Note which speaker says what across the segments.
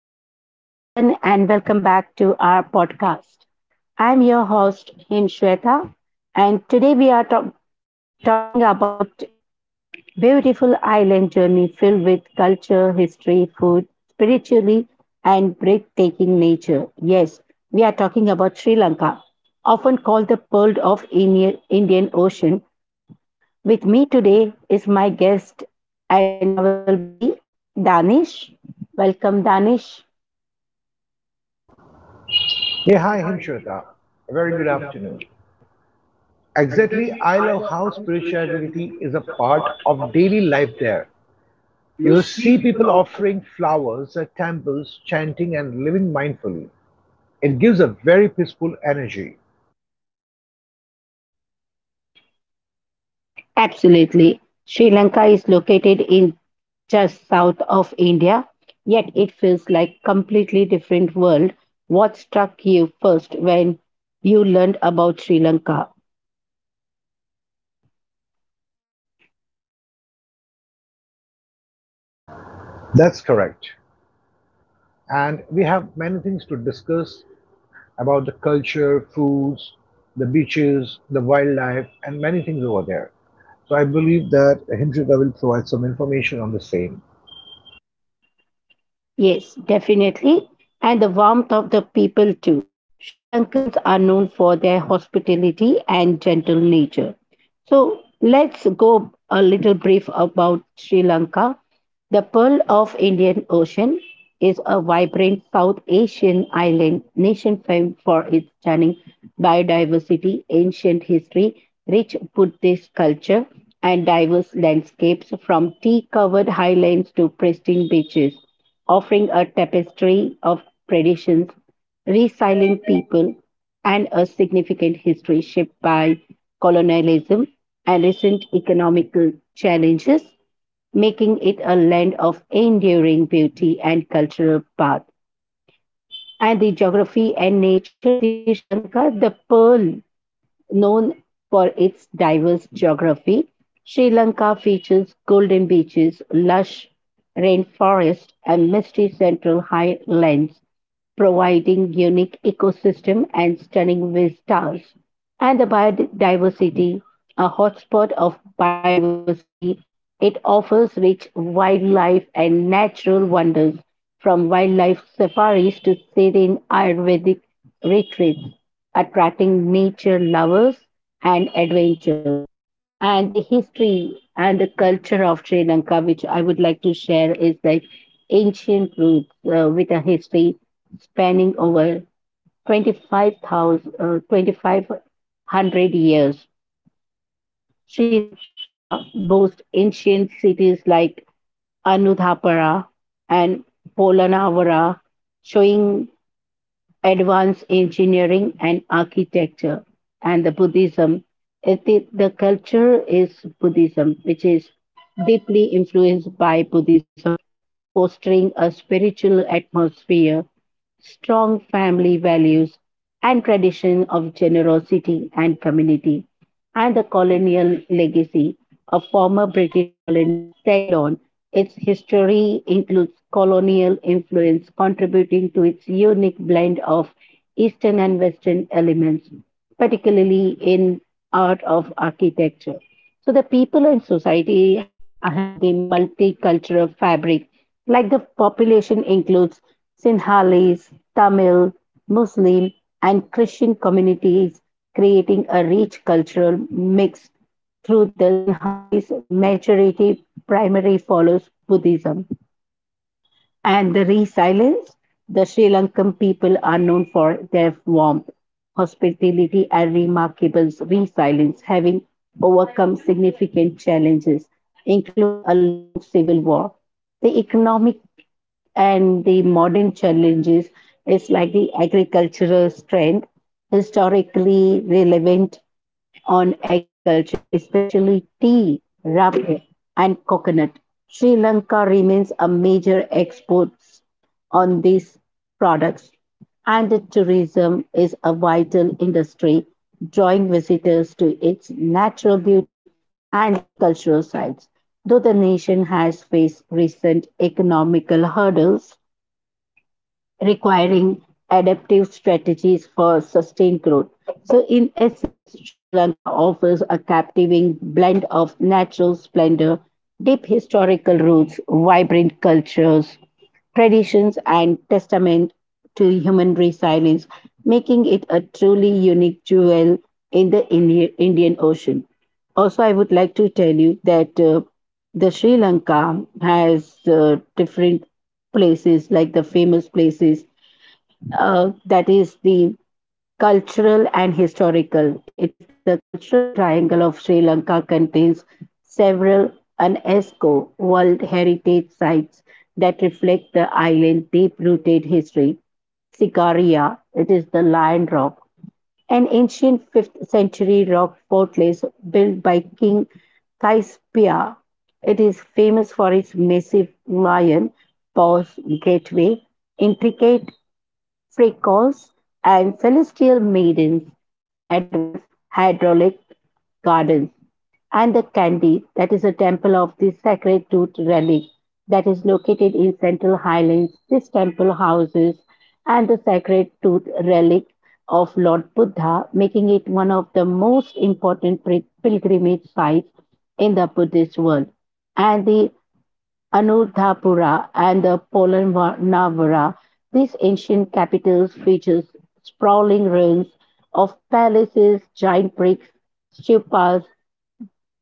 Speaker 1: Hello, everyone, and welcome back to our podcast. I'm your host, Himshweta, and today we are talking about beautiful island journey filled with culture, history, food, spiritually, and breathtaking nature. Yes, we are talking about Sri Lanka, often called the pearl of Indian Ocean. With me today is my guest and travel buddy, Danish. Welcome, Danish.
Speaker 2: Yeah, hi, Himshweta. A very good afternoon. Exactly, I love how spirituality is a part of daily life there. You will see people offering flowers at temples, chanting, and living mindfully. It gives a very peaceful energy.
Speaker 1: Absolutely. Sri Lanka is located in just south of India, yet it feels like completely different world. What struck you first when you learned about Sri Lanka?
Speaker 2: That's correct. And we have many things to discuss about the culture, foods, the beaches, the wildlife, and many things over there. So I believe that Himshweta will provide some information on the same.
Speaker 1: Yes, definitely. And the warmth of the people too. Sri Lankans are known for their hospitality and gentle nature. So let's go a little brief about Sri Lanka. The Pearl of Indian Ocean is a vibrant South Asian island nation famed for its stunning biodiversity, ancient history, rich Buddhist culture, and diverse landscapes from tea-covered highlands to pristine beaches, offering a tapestry of traditions, resilient people, and a significant history shaped by colonialism and recent economic challenges, making it a land of enduring beauty and cultural path. And the geography and nature of the Sri Lanka, the pearl. Known for its diverse geography, Sri Lanka features golden beaches, lush rainforests, and misty central highlands, providing unique ecosystem and stunning vistas. And the biodiversity, a hotspot of biodiversity, it offers rich wildlife and natural wonders, from wildlife safaris to serene Ayurvedic retreats, attracting nature lovers and adventurers. And the history and the culture of Sri Lanka, which I would like to share, is like ancient roots with a history spanning over 25,000, 2500 years. Sri Lanka boasts ancient cities like Anuthapara and Polanavara, showing advanced engineering and architecture, and the Buddhism. It is, the culture is Buddhism, which is deeply influenced by Buddhism, fostering a spiritual atmosphere, strong family values, and tradition of generosity and community, and the colonial legacy of former British colony Ceylon. Its history includes colonial influence contributing to its unique blend of Eastern and Western elements, particularly in art of architecture. So the people and society, I have the multicultural fabric, like the population includes Sinhalese, Tamil, Muslim, and Christian communities, creating a rich cultural mix. Through the Sinhalese majority, primary follows Buddhism and the resilience. The Sri Lankan people are known for their warmth, hospitality, and remarkable resilience, having overcome significant challenges, including a long civil war. The economic and the modern challenges is like the agricultural strength, historically relevant on agriculture, especially tea, rubber, and coconut. Sri Lanka remains a major exports on these products, and the tourism is a vital industry, drawing visitors to its natural beauty and the cultural sites. Though the nation has faced recent economical hurdles, requiring adaptive strategies for sustained growth. So, in essence, Sri Lanka offers a captivating blend of natural splendor, deep historical roots, vibrant cultures, traditions, and testament to human resilience, making it a truly unique jewel in the Indian Ocean. Also, I would like to tell you that the Sri Lanka has different places like the famous places, that is the cultural and historical. It is the cultural triangle of Sri Lanka, contains several UNESCO World Heritage sites that reflect the island's deep rooted history. Sikaria, it is the lion rock, an ancient 5th century rock fortress built by King Cassiopea. It is famous for its massive lion paws gateway, intricate Freckles and celestial maidens, and advanced hydraulic gardens, and the Kandy, that is a temple of the sacred root relic that is located in central highlands. This temple houses and the sacred tooth relic of Lord Buddha, making it one of the most important pilgrimage sites in the Buddhist world. And the Anuradhapura and the Polanavara, these ancient capitals feature sprawling ruins of palaces, giant bricks, stupas,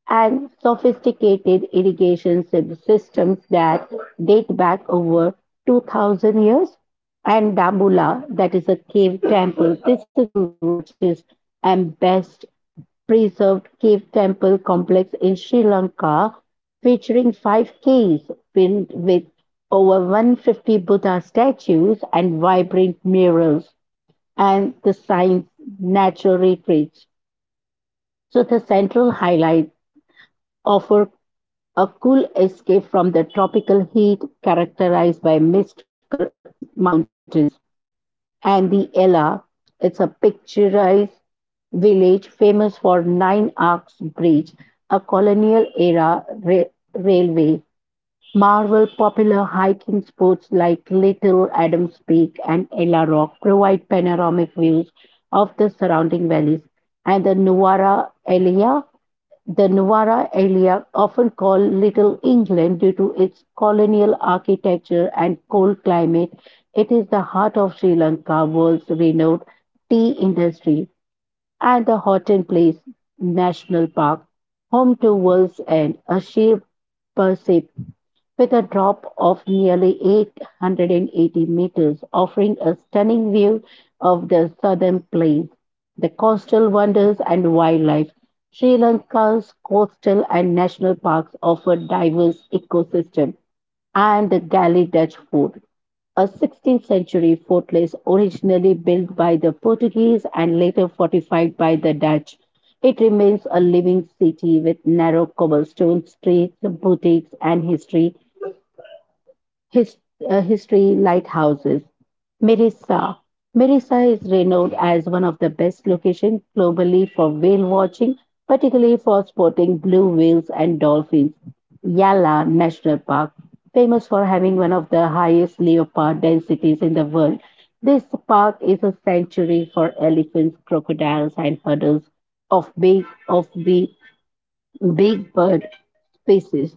Speaker 1: and sophisticated irrigation systems that date back over 2000 years. And Dambula, that is a cave temple, this is the largest and best preserved cave temple complex in Sri Lanka, featuring five caves filled with over 150 Buddha statues and vibrant murals, and the science natural retreats. So, the central highlight offer a cool escape from the tropical heat characterized by mist covered mountains and the Ella. It's a picturesque village famous for Nine Arcs Bridge, a colonial era railway, Marvel popular hiking spots like Little Adams Peak and Ella Rock provide panoramic views of the surrounding valleys and the Nuwara Elia, the Nuwara area, often called Little England due to its colonial architecture and cold climate, it is the heart of Sri Lanka, world's renowned tea industry, and the Horton Place National Park, home to World's End, a sheep with a drop of nearly 880 meters, offering a stunning view of the southern plains, the coastal wonders, and wildlife. Sri Lanka's coastal and national parks offer diverse ecosystem and the Gali Dutch fort, a 16th century fortress originally built by the Portuguese and later fortified by the Dutch. It remains a living city with narrow cobblestone streets, boutiques, and his, history lighthouses. Merissa. Merissa is renowned as one of the best locations globally for whale watching, particularly for spotting blue whales and dolphins. Yala National Park, famous for having one of the highest leopard densities in the world. This park is a sanctuary for elephants, crocodiles, and herders of big of the big bird species.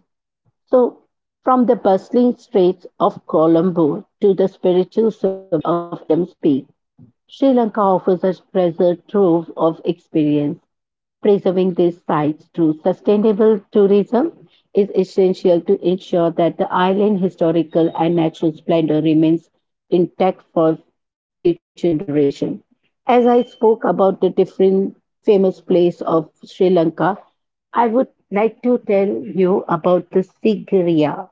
Speaker 1: So, from the bustling streets of Colombo to the spiritual summit of Adam's Peak, Sri Lanka offers a treasure trove of experience. Preserving these sites through sustainable tourism is essential to ensure that the island's historical and natural splendor remains intact for future generations. As I spoke about the different famous place of Sri Lanka, I would like to tell you about the Sigiriya.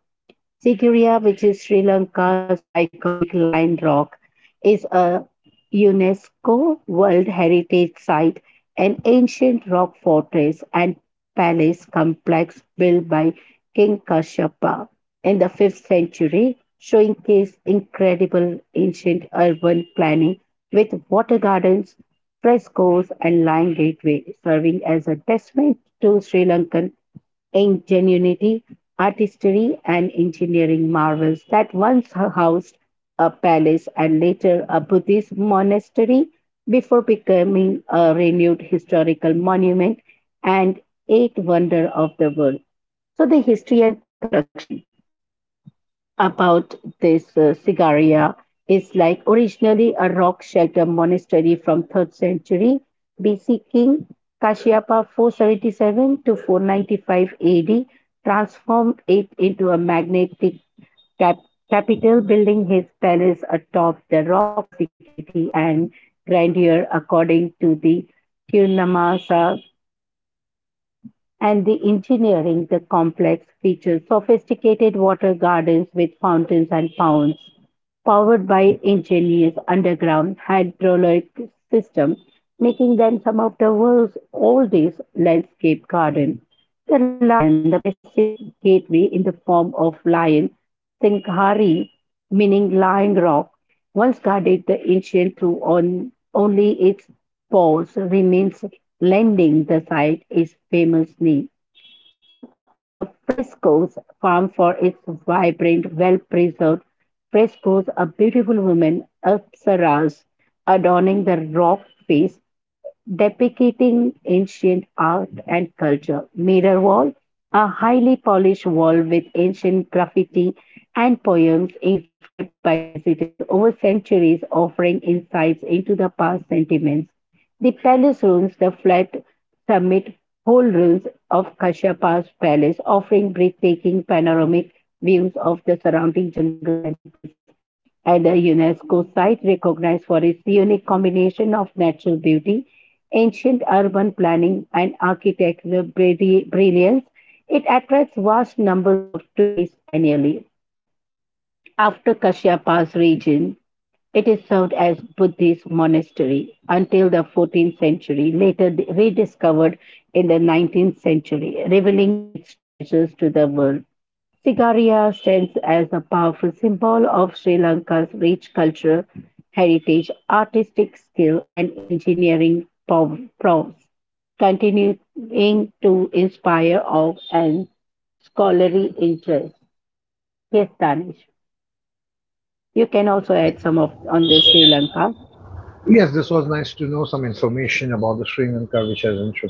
Speaker 1: Sigiriya, which is Sri Lanka's iconic lion rock, is a UNESCO World Heritage Site, an ancient rock fortress and palace complex built by King Kashyapa in the 5th century, showcase incredible ancient urban planning with water gardens, frescoes, and lion gateway, serving as a testament to Sri Lankan ingenuity, artistry, and engineering marvels that once housed a palace and later a Buddhist monastery before becoming a renewed historical monument and eighth wonder of the world. So, the history and construction about this, Sigaria, is like originally a rock shelter monastery from 3rd century BC. King Kashyapa, 477 to 495 AD, transformed it into a magnetic cap- capital, building his palace atop the rock of security and grandeur according to the Kirlamasa, and the engineering, the complex features sophisticated water gardens with fountains and ponds, powered by ingenious underground hydraulic system, making them some of the world's oldest landscape garden. The lion, the massive gateway in the form of lion Singhari, meaning lying rock, once guarded the ancient through on only its paws remains, lending the site its famous name. So the frescoes, famed for its vibrant, well-preserved frescoes, a beautiful woman, Apsaras, adorning the rock face, depicting ancient art and culture. Mirror wall, a highly polished wall with ancient graffiti and poems inscribed by visitors over centuries, offering insights into the past sentiments. The palace rooms, the flat summit whole ruins of Kasyapa's palace, offering breathtaking panoramic views of the surrounding jungles and plains, and a UNESCO site recognized for its unique combination of natural beauty, ancient urban planning, and architectural brilliance. It attracts vast numbers of tourists annually. After Kashyapa's region, it is served as Buddhist monastery until the 14th century, later rediscovered in the 19th century, revealing its treasures to the world. Sigaria stands as a powerful symbol of Sri Lanka's rich cultural heritage, artistic skill, and engineering prowess, continuing to inspire awe and scholarly interest. Yes, Danish. You can also add some of on this Sri Lanka.
Speaker 2: Yes, this was nice to know some information about the Sri Lanka, which has which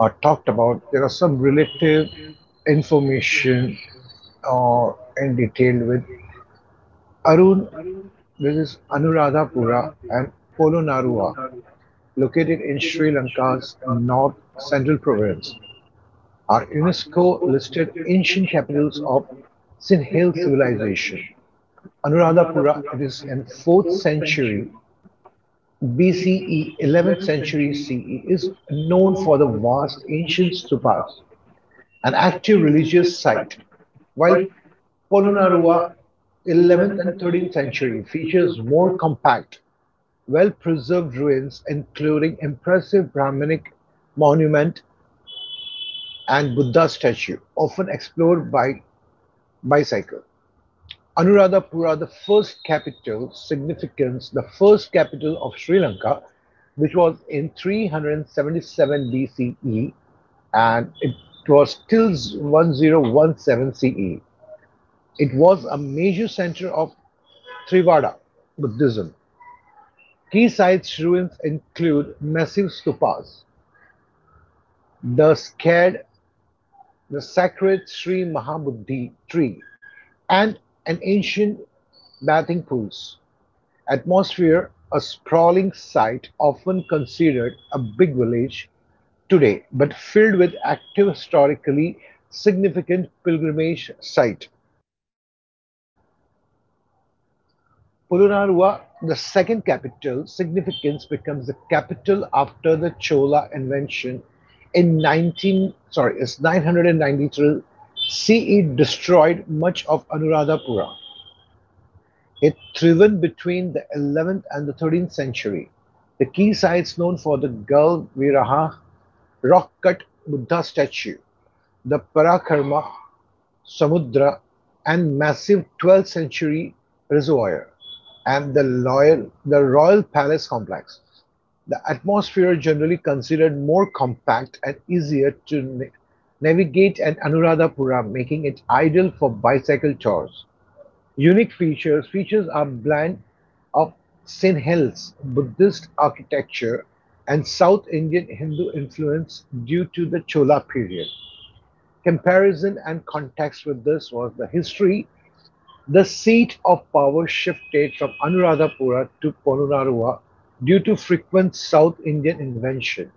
Speaker 2: uh, talked about. There are some relative information uh, in detail with Arun. This is Anuradhapura and Polonnaruwa, located in Sri Lanka's north central province, are UNESCO listed ancient capitals of Sinhale civilization. Anuradhapura, it is in 4th century BCE, 11th century CE, is known for the vast ancient stupas, an active religious site, while Polonnaruwa, 11th and 13th century, features more compact, well preserved ruins, including impressive Brahminic monument and Buddha statue, often explored by bicycle. Anuradhapura, the first capital, significance, the first capital of Sri Lanka, which was in 377 BCE and it was till 1017 CE. It was a major center of Theravada Buddhism. Key site ruins include massive stupas, the scared, the sacred Sri Mahabuddhi tree, and an ancient bathing pools. Atmosphere, a sprawling site often considered a big village today but filled with active historically significant pilgrimage site. Polonnaruwa, the second capital significance, becomes the capital after the Chola invasion in 19 sorry it's 993 CE, destroyed much of Anuradhapura. It thrived between the 11th and the 13th century. The key sites known for the Galviraha rock-cut Buddha statue, the Parakarma Samudra and massive 12th century reservoir, and the royal palace complex. The atmosphere is generally considered more compact and easier to navigate and Anuradhapura, making it ideal for bicycle tours. Unique features are blend of Sinhalese, Buddhist architecture and South Indian Hindu influence due to the Chola period. Comparison and context with this was the history. The seat of power shifted from Anuradhapura to Ponunaruwa due to frequent South Indian invention.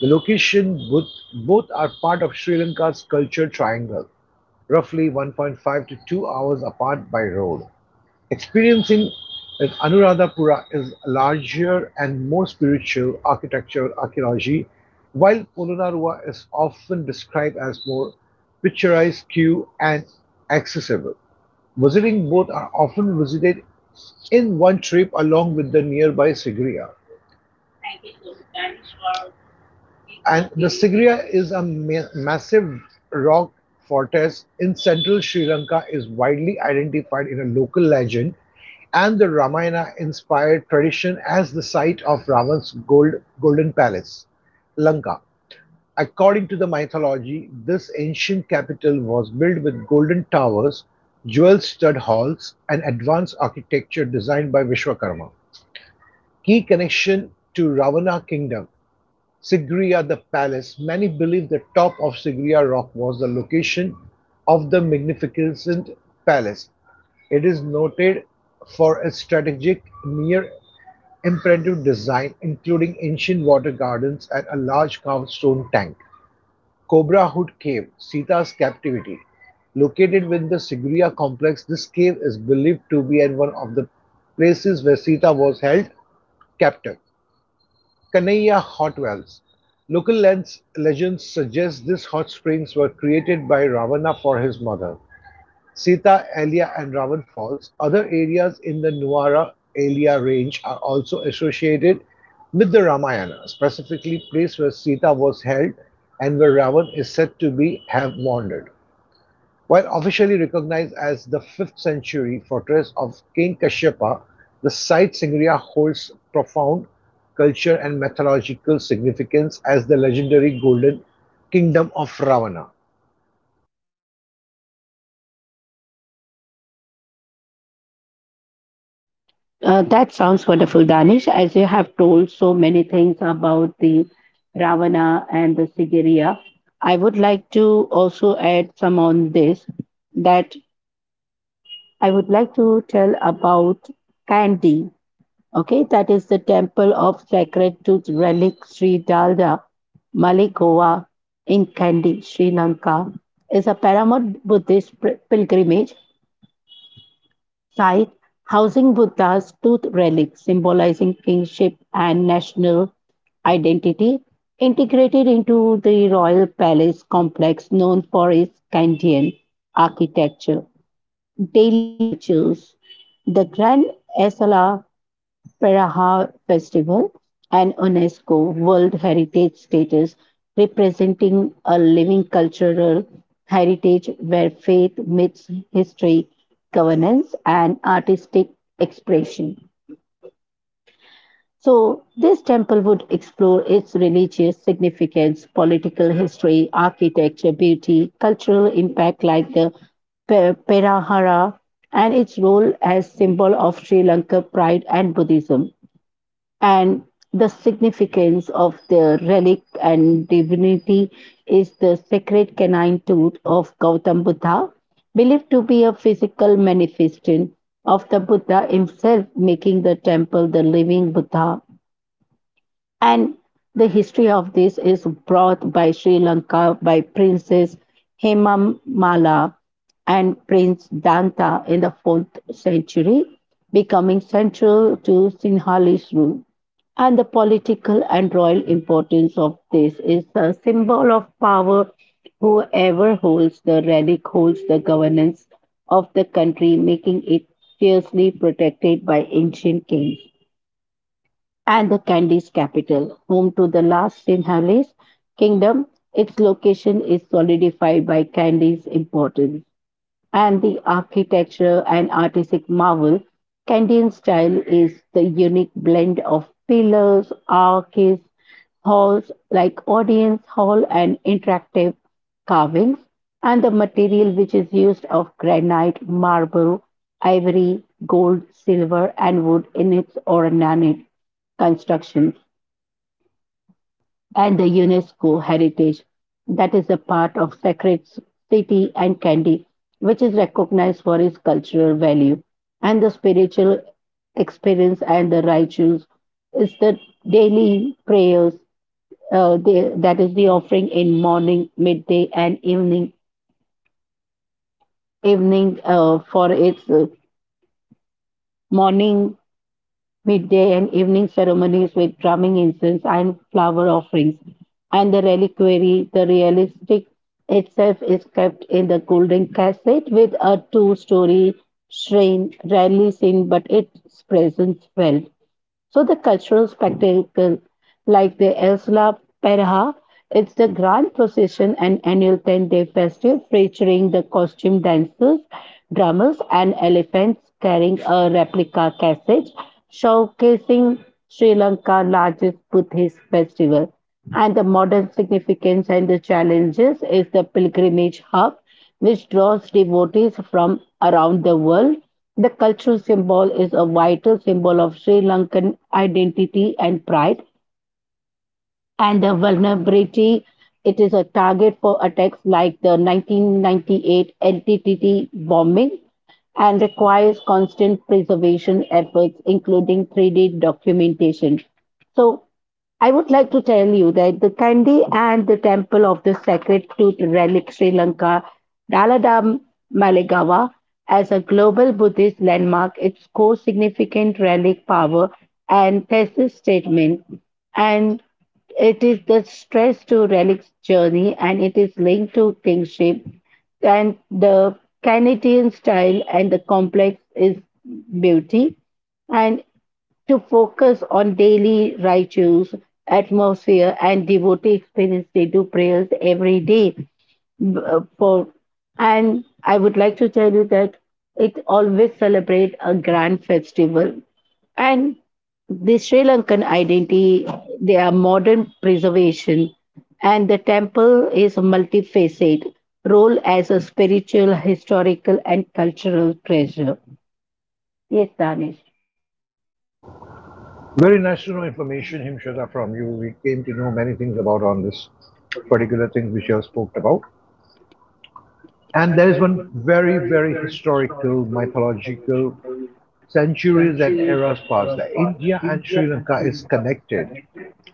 Speaker 2: The location, both are part of Sri Lanka's culture triangle, roughly 1.5 to 2 hours apart by road. Experience in Anuradhapura is larger and more spiritual architectural archaeology, while Polonnaruwa is often described as more picturesque and accessible. Visiting both are often visited in one trip along with the nearby Sigiriya. And the Sigiriya is a massive rock fortress in central Sri Lanka, is widely identified in a local legend and the Ramayana inspired tradition as the site of Ravan's gold, golden palace, Lanka. According to the mythology, this ancient capital was built with golden towers, jewel stud halls, and advanced architecture designed by Vishwakarma. Key connection to Ravana kingdom. Sigiriya the palace. Many believe the top of Sigiriya rock was the location of the magnificent palace. It is noted for its strategic, near impressive design, including ancient water gardens and a large carved stone tank. Cobra Hood Cave, Sita's captivity. Located within the Sigiriya complex, this cave is believed to be one of the places where Sita was held captive. Kanaiya hot wells. Local legends suggest these hot springs were created by Ravana for his mother. Sita, Elia, and Ravan Falls, other areas in the Nuwara Elia range, are also associated with the Ramayana, specifically place where Sita was held and where Ravan is said to be have wandered. While officially recognized as the 5th century fortress of King Kashyapa, the site Singriya holds profound culture and mythological significance as the legendary golden kingdom of Ravana.
Speaker 1: That sounds wonderful, Danish. As you have told so many things about the Ravana and the Sigiriya, I would like to also add some on this that I would like to tell about Kandy. Okay, that is the temple of sacred tooth relic Sri Dalda Malikova in Kandy, Sri Lanka. Is a paramount Buddhist pilgrimage site housing Buddha's tooth relics symbolizing kingship and national identity, integrated into the royal palace complex known for its Kandyan architecture. Daily rituals, the Grand Asala Peraha Festival, an UNESCO World Heritage status, representing a living cultural heritage where faith meets history, governance, and artistic expression. So, this temple would explore its religious significance, political history, architecture, beauty, cultural impact like the Perahara, and its role as symbol of Sri Lanka pride and Buddhism and the significance of their relic and divinity is the sacred canine tooth of Gautam Buddha, believed to be a physical manifestation of the Buddha himself, making the temple the living Buddha, and the history of this is brought by Sri Lanka by Princess Hemamala and Prince Danta in the 4th century, becoming central to Sinhalese rule. And the political and royal importance of this is a symbol of power. Whoever holds the relic holds the governance of the country, making it fiercely protected by ancient kings and the candy's capital, home to the last Sinhalese kingdom. Its location is solidified by candy's importance and the architecture and artistic marvel. Candian style is the unique blend of pillars, arches, halls like audience hall and interactive carvings, and the material which is used of granite, marble, ivory, gold, silver, and wood in its ornate constructions, and the UNESCO heritage that is a part of Sacred City and Candy, which is recognized for its cultural value and the spiritual experience and the rituals. Is the daily prayers that is the offering in morning, midday, and evening. Evening for its morning, midday and evening ceremonies with drumming incense and flower offerings. And the reliquary, the realistic itself, is kept in the golden casket with a two-story shrine, rarely seen, but its presence felt. So the cultural spectacle like the Esla Perha, it's the grand procession and annual 10-day festival featuring the costume dancers, drummers and elephants carrying a replica cassette, showcasing Sri Lanka's largest Buddhist festival. And the modern significance and the challenges is the pilgrimage hub, which draws devotees from around the world. The cultural symbol is a vital symbol of Sri Lankan identity and pride, and the vulnerability. It is a target for attacks like the 1998 NTTT bombing and requires constant preservation efforts, including 3D documentation. So, I would like to tell you that the Kandy and the temple of the sacred tooth relic Sri Lanka, Daladam Malegawa, as a global Buddhist landmark, its core significant relic power and thesis statement, and it is the stress to relics journey, and it is linked to kingship and the Canadian style, and the complex is beauty and to focus on daily rituals, atmosphere, and devotee experience. They do prayers every day. For and I would like to tell you that it always celebrate a grand festival and the Sri Lankan identity, they are modern preservation, and the temple is multifaceted, role as a spiritual, historical, and cultural treasure. Yes, Danish.
Speaker 2: Very nice to know information, Himshada, from you. We came to know many things about on this particular thing which you have spoken about. And there is one very, very historical, mythological, centuries and eras past, that India and Sri Lanka is connected.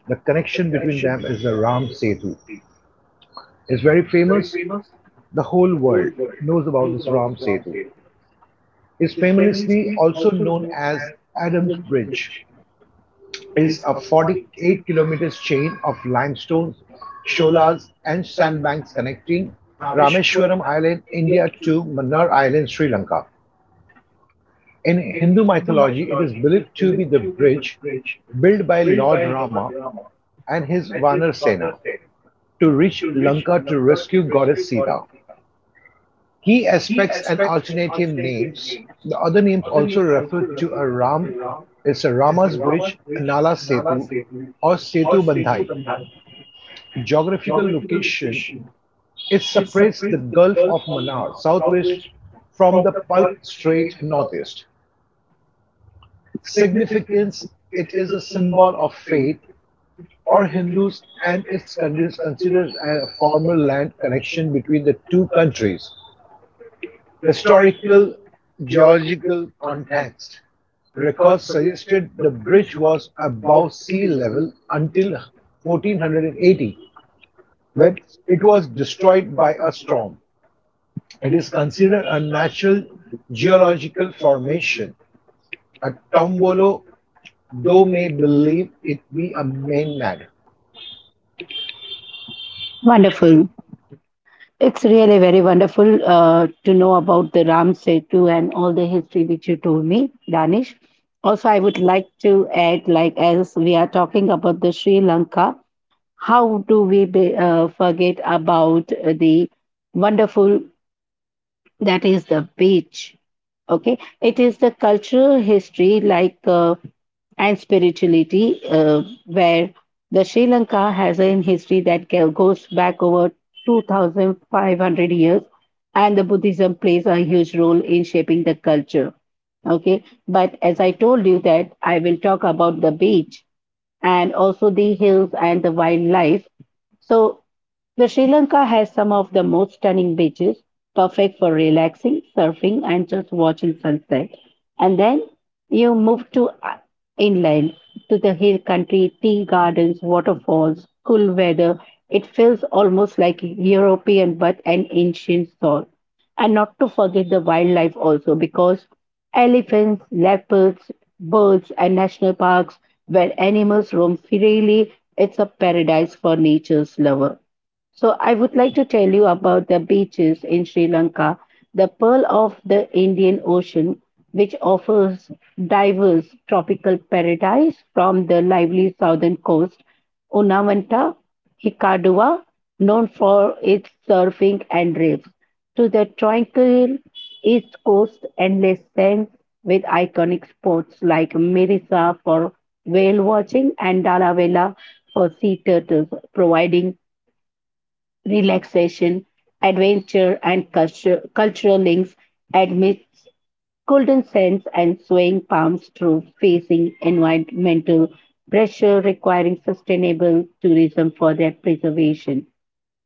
Speaker 2: The connection between them is the Ram Setu. It's very famous. The whole world knows about this Ram Setu. It's famously also known as Adams Bridge. It's a 48 kilometers chain of limestones, sholas, and sandbanks connecting Rameshwaram Island, India to Mannar Island, Sri Lanka. In Hindu mythology, it is believed to be the bridge built by Lord Rama and his Vanar Sena to reach Lanka to rescue goddess Sita. Key aspects and alternative names. The other names also refer to a Ram, it's a Rama's Bridge, Nala Setu, or Setu Bandhai. Geographical location. It separates the Gulf of Manar southwest from the Palk Strait northeast. Significance. It is a symbol of faith or Hindus, and it's considered a formal land connection between the two countries. Historical geological context records suggested the bridge was above sea level until 1480, when it was destroyed by a storm. It is considered a natural geological formation, a tombolo, though may believe it be a man-made.
Speaker 1: Wonderful. It's really very wonderful to know about the Ram Setu and all the history which you told me, Danish. Also, I would like to add, like as we are talking about the Sri Lanka, how do we be, forget about the wonderful that is the beach? Okay, it is the cultural history like. And spirituality, where the Sri Lanka has a history that goes back over 2,500 years, and the Buddhism plays a huge role in shaping the culture. Okay, but as I told you that I will talk about the beach and also the hills and the wildlife. So the Sri Lanka has some of the most stunning beaches, perfect for relaxing, surfing, and just watching sunset. And then you move to inland, to the hill country, tea gardens, waterfalls, cool weather. It feels almost like European but an ancient soul. And not to forget the wildlife also, because elephants, leopards, birds, and national parks where animals roam freely, it's a paradise for nature's lover. So I would like to tell you about the beaches in Sri Lanka, the pearl of the Indian Ocean, which offers diverse tropical paradise from the lively southern coast, Unavanta, Hikkaduwa, known for its surfing and reefs, to the tranquil east coast endless sands with iconic spots like Mirisa for whale watching and Dalavela for sea turtles, providing relaxation, adventure, and culture, cultural links amidst golden sands and swaying palms through facing environmental pressure requiring sustainable tourism for their preservation.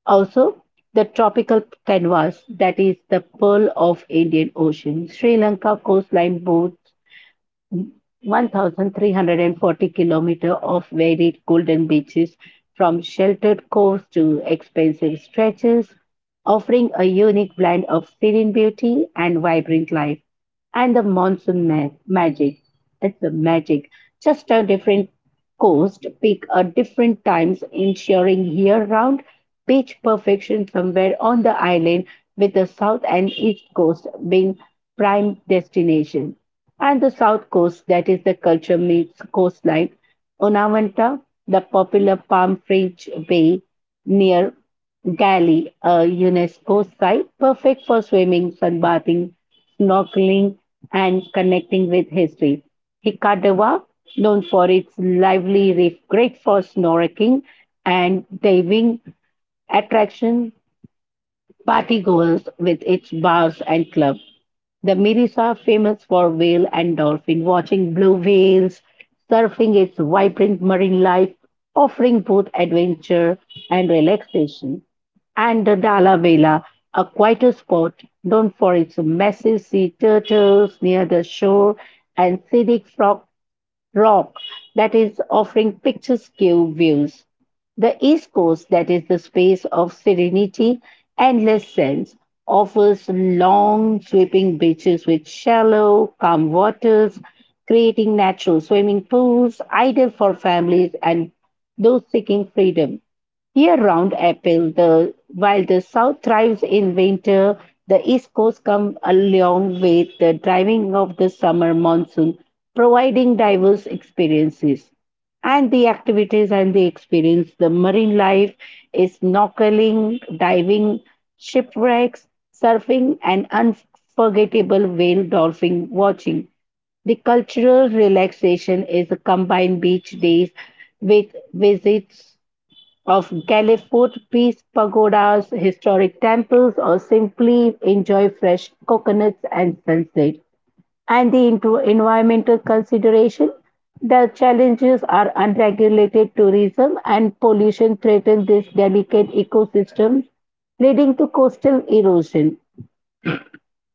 Speaker 1: Also, the tropical canvas that is the pearl of Indian Ocean. Sri Lanka coastline boats 1,340 kilometers of varied golden beaches, from sheltered coasts to expansive stretches, offering a unique blend of serene beauty and vibrant life and the monsoon magic. It's the magic. Just a different coast, peak at different times, ensuring year round beach perfection somewhere on the island, with the south and east coast being prime destination. And the south coast, that is the culture meets coastline, Onavanta, the popular palm fringe bay near Gali, a UNESCO site perfect for swimming, sunbathing, snorkeling, and connecting with history. Hikadawa, known for its lively reef, great for snorkeling and diving attraction, partygoers with its bars and clubs. The Miris are famous for whale and dolphin watching, blue whales, surfing its vibrant marine life, offering both adventure and relaxation. And the Dala Vela, a quieter spot known for its massive sea turtles near the shore and scenic rock that is offering picturesque views, the East Coast that is the space of serenity, endless sands, offers long sweeping beaches with shallow, calm waters, creating natural swimming pools ideal for families and those seeking freedom year-round apple. The while the south thrives in winter, the east coast comes along with the driving of the summer monsoon, providing diverse experiences and the activities and the experience. The marine life is snorkeling, diving, shipwrecks, surfing, and unforgettable whale dolphin watching. The cultural relaxation is a combined beach days with visits of Caliph peace pagodas, historic temples, or simply enjoy fresh coconuts and sunset. And the into environmental consideration, the challenges are unregulated tourism and pollution threaten this delicate ecosystem, leading to coastal erosion.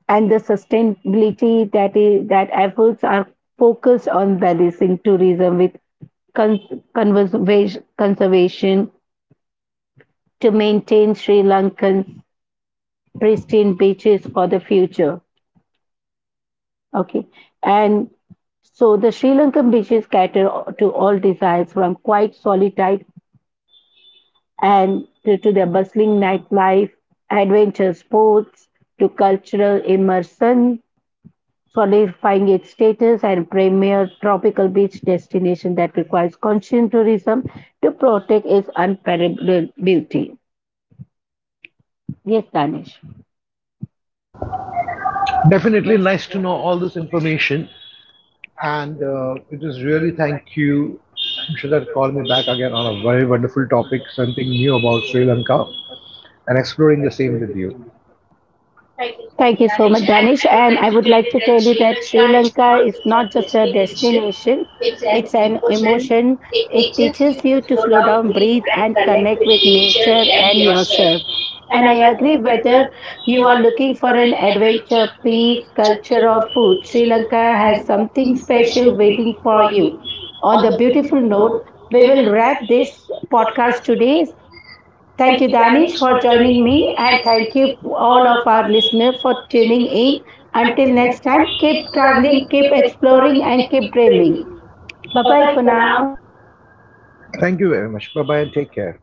Speaker 1: And the sustainability that is that efforts are focused on balancing tourism with con- conservation to maintain Sri Lankan's pristine beaches for the future. Okay. And so the Sri Lankan beaches cater to all desires from quiet solitude and to their bustling nightlife, adventure sports, to cultural immersion, solidifying its status and premier tropical beach destination that requires conscious tourism to protect its unparalleled beauty. Yes, Danish.
Speaker 2: Definitely nice to know all this information. And it is really thank you. I'm sure that call me back again on a very wonderful topic, something new about Sri Lanka, and exploring the same with you. Thank you so
Speaker 1: Thank
Speaker 2: much,
Speaker 1: you so
Speaker 2: Danish.
Speaker 1: much,
Speaker 2: And
Speaker 1: Danish.
Speaker 2: I would
Speaker 1: And I
Speaker 2: like to
Speaker 1: would
Speaker 2: tell
Speaker 1: like
Speaker 2: you
Speaker 1: to tell
Speaker 2: that
Speaker 1: you
Speaker 2: Sri
Speaker 1: that Sri
Speaker 2: Lanka is
Speaker 1: Lanka
Speaker 2: not
Speaker 1: is
Speaker 2: just
Speaker 1: not
Speaker 2: a
Speaker 1: just a
Speaker 2: destination,
Speaker 1: destination,
Speaker 2: it's an
Speaker 1: it's an
Speaker 2: emotion.
Speaker 1: emotion.
Speaker 2: It
Speaker 1: It
Speaker 2: teaches you
Speaker 1: teaches
Speaker 2: to
Speaker 1: you to
Speaker 2: slow
Speaker 1: slow
Speaker 2: down,
Speaker 1: down,
Speaker 2: breathe,
Speaker 1: breathe,
Speaker 2: and
Speaker 1: and
Speaker 2: connect
Speaker 1: connect
Speaker 2: with
Speaker 1: with
Speaker 2: nature
Speaker 1: nature
Speaker 2: and
Speaker 1: and
Speaker 2: yourself.
Speaker 1: yourself.
Speaker 2: And
Speaker 1: And
Speaker 2: I
Speaker 1: I
Speaker 2: agree,
Speaker 1: agree
Speaker 2: whether
Speaker 1: whether you
Speaker 2: you
Speaker 1: are
Speaker 2: are
Speaker 1: looking
Speaker 2: looking
Speaker 1: for
Speaker 2: for
Speaker 1: an
Speaker 2: an adventure,
Speaker 1: adventure, peace,
Speaker 2: peace,
Speaker 1: culture,
Speaker 2: culture,
Speaker 1: or
Speaker 2: or
Speaker 1: food,
Speaker 2: food,
Speaker 1: Sri
Speaker 2: Sri Lanka
Speaker 1: Lanka has
Speaker 2: has
Speaker 1: something
Speaker 2: something
Speaker 1: special
Speaker 2: special
Speaker 1: waiting
Speaker 2: waiting
Speaker 1: for
Speaker 2: for
Speaker 1: you.
Speaker 2: you.
Speaker 1: On
Speaker 2: On
Speaker 1: the
Speaker 2: the
Speaker 1: beautiful
Speaker 2: beautiful
Speaker 1: note,
Speaker 2: note,
Speaker 1: we
Speaker 2: we
Speaker 1: will
Speaker 2: will
Speaker 1: wrap
Speaker 2: wrap this
Speaker 1: this podcast
Speaker 2: podcast
Speaker 1: today.
Speaker 2: today.
Speaker 1: Thank you,
Speaker 2: Thank you,
Speaker 1: Danish,
Speaker 2: Danish,
Speaker 1: for
Speaker 2: for
Speaker 1: joining
Speaker 2: joining
Speaker 1: me,
Speaker 2: me,
Speaker 1: and
Speaker 2: and
Speaker 1: thank
Speaker 2: thank
Speaker 1: you
Speaker 2: you to
Speaker 1: all
Speaker 2: all
Speaker 1: of
Speaker 2: of
Speaker 1: our
Speaker 2: our
Speaker 1: listeners
Speaker 2: listeners
Speaker 1: for
Speaker 2: for
Speaker 1: tuning
Speaker 2: tuning
Speaker 1: in.
Speaker 2: in.
Speaker 1: Until
Speaker 2: Until
Speaker 1: next
Speaker 2: next
Speaker 1: time,
Speaker 2: time, keep
Speaker 1: keep traveling,
Speaker 2: traveling,
Speaker 1: keep
Speaker 2: keep
Speaker 1: exploring,
Speaker 2: exploring,
Speaker 1: and
Speaker 2: and
Speaker 1: keep
Speaker 2: keep
Speaker 1: dreaming.
Speaker 2: dreaming.
Speaker 1: Bye
Speaker 2: Bye
Speaker 1: bye
Speaker 2: bye
Speaker 1: for
Speaker 2: for
Speaker 1: now.
Speaker 2: now. Thank you very much. Bye bye and take care.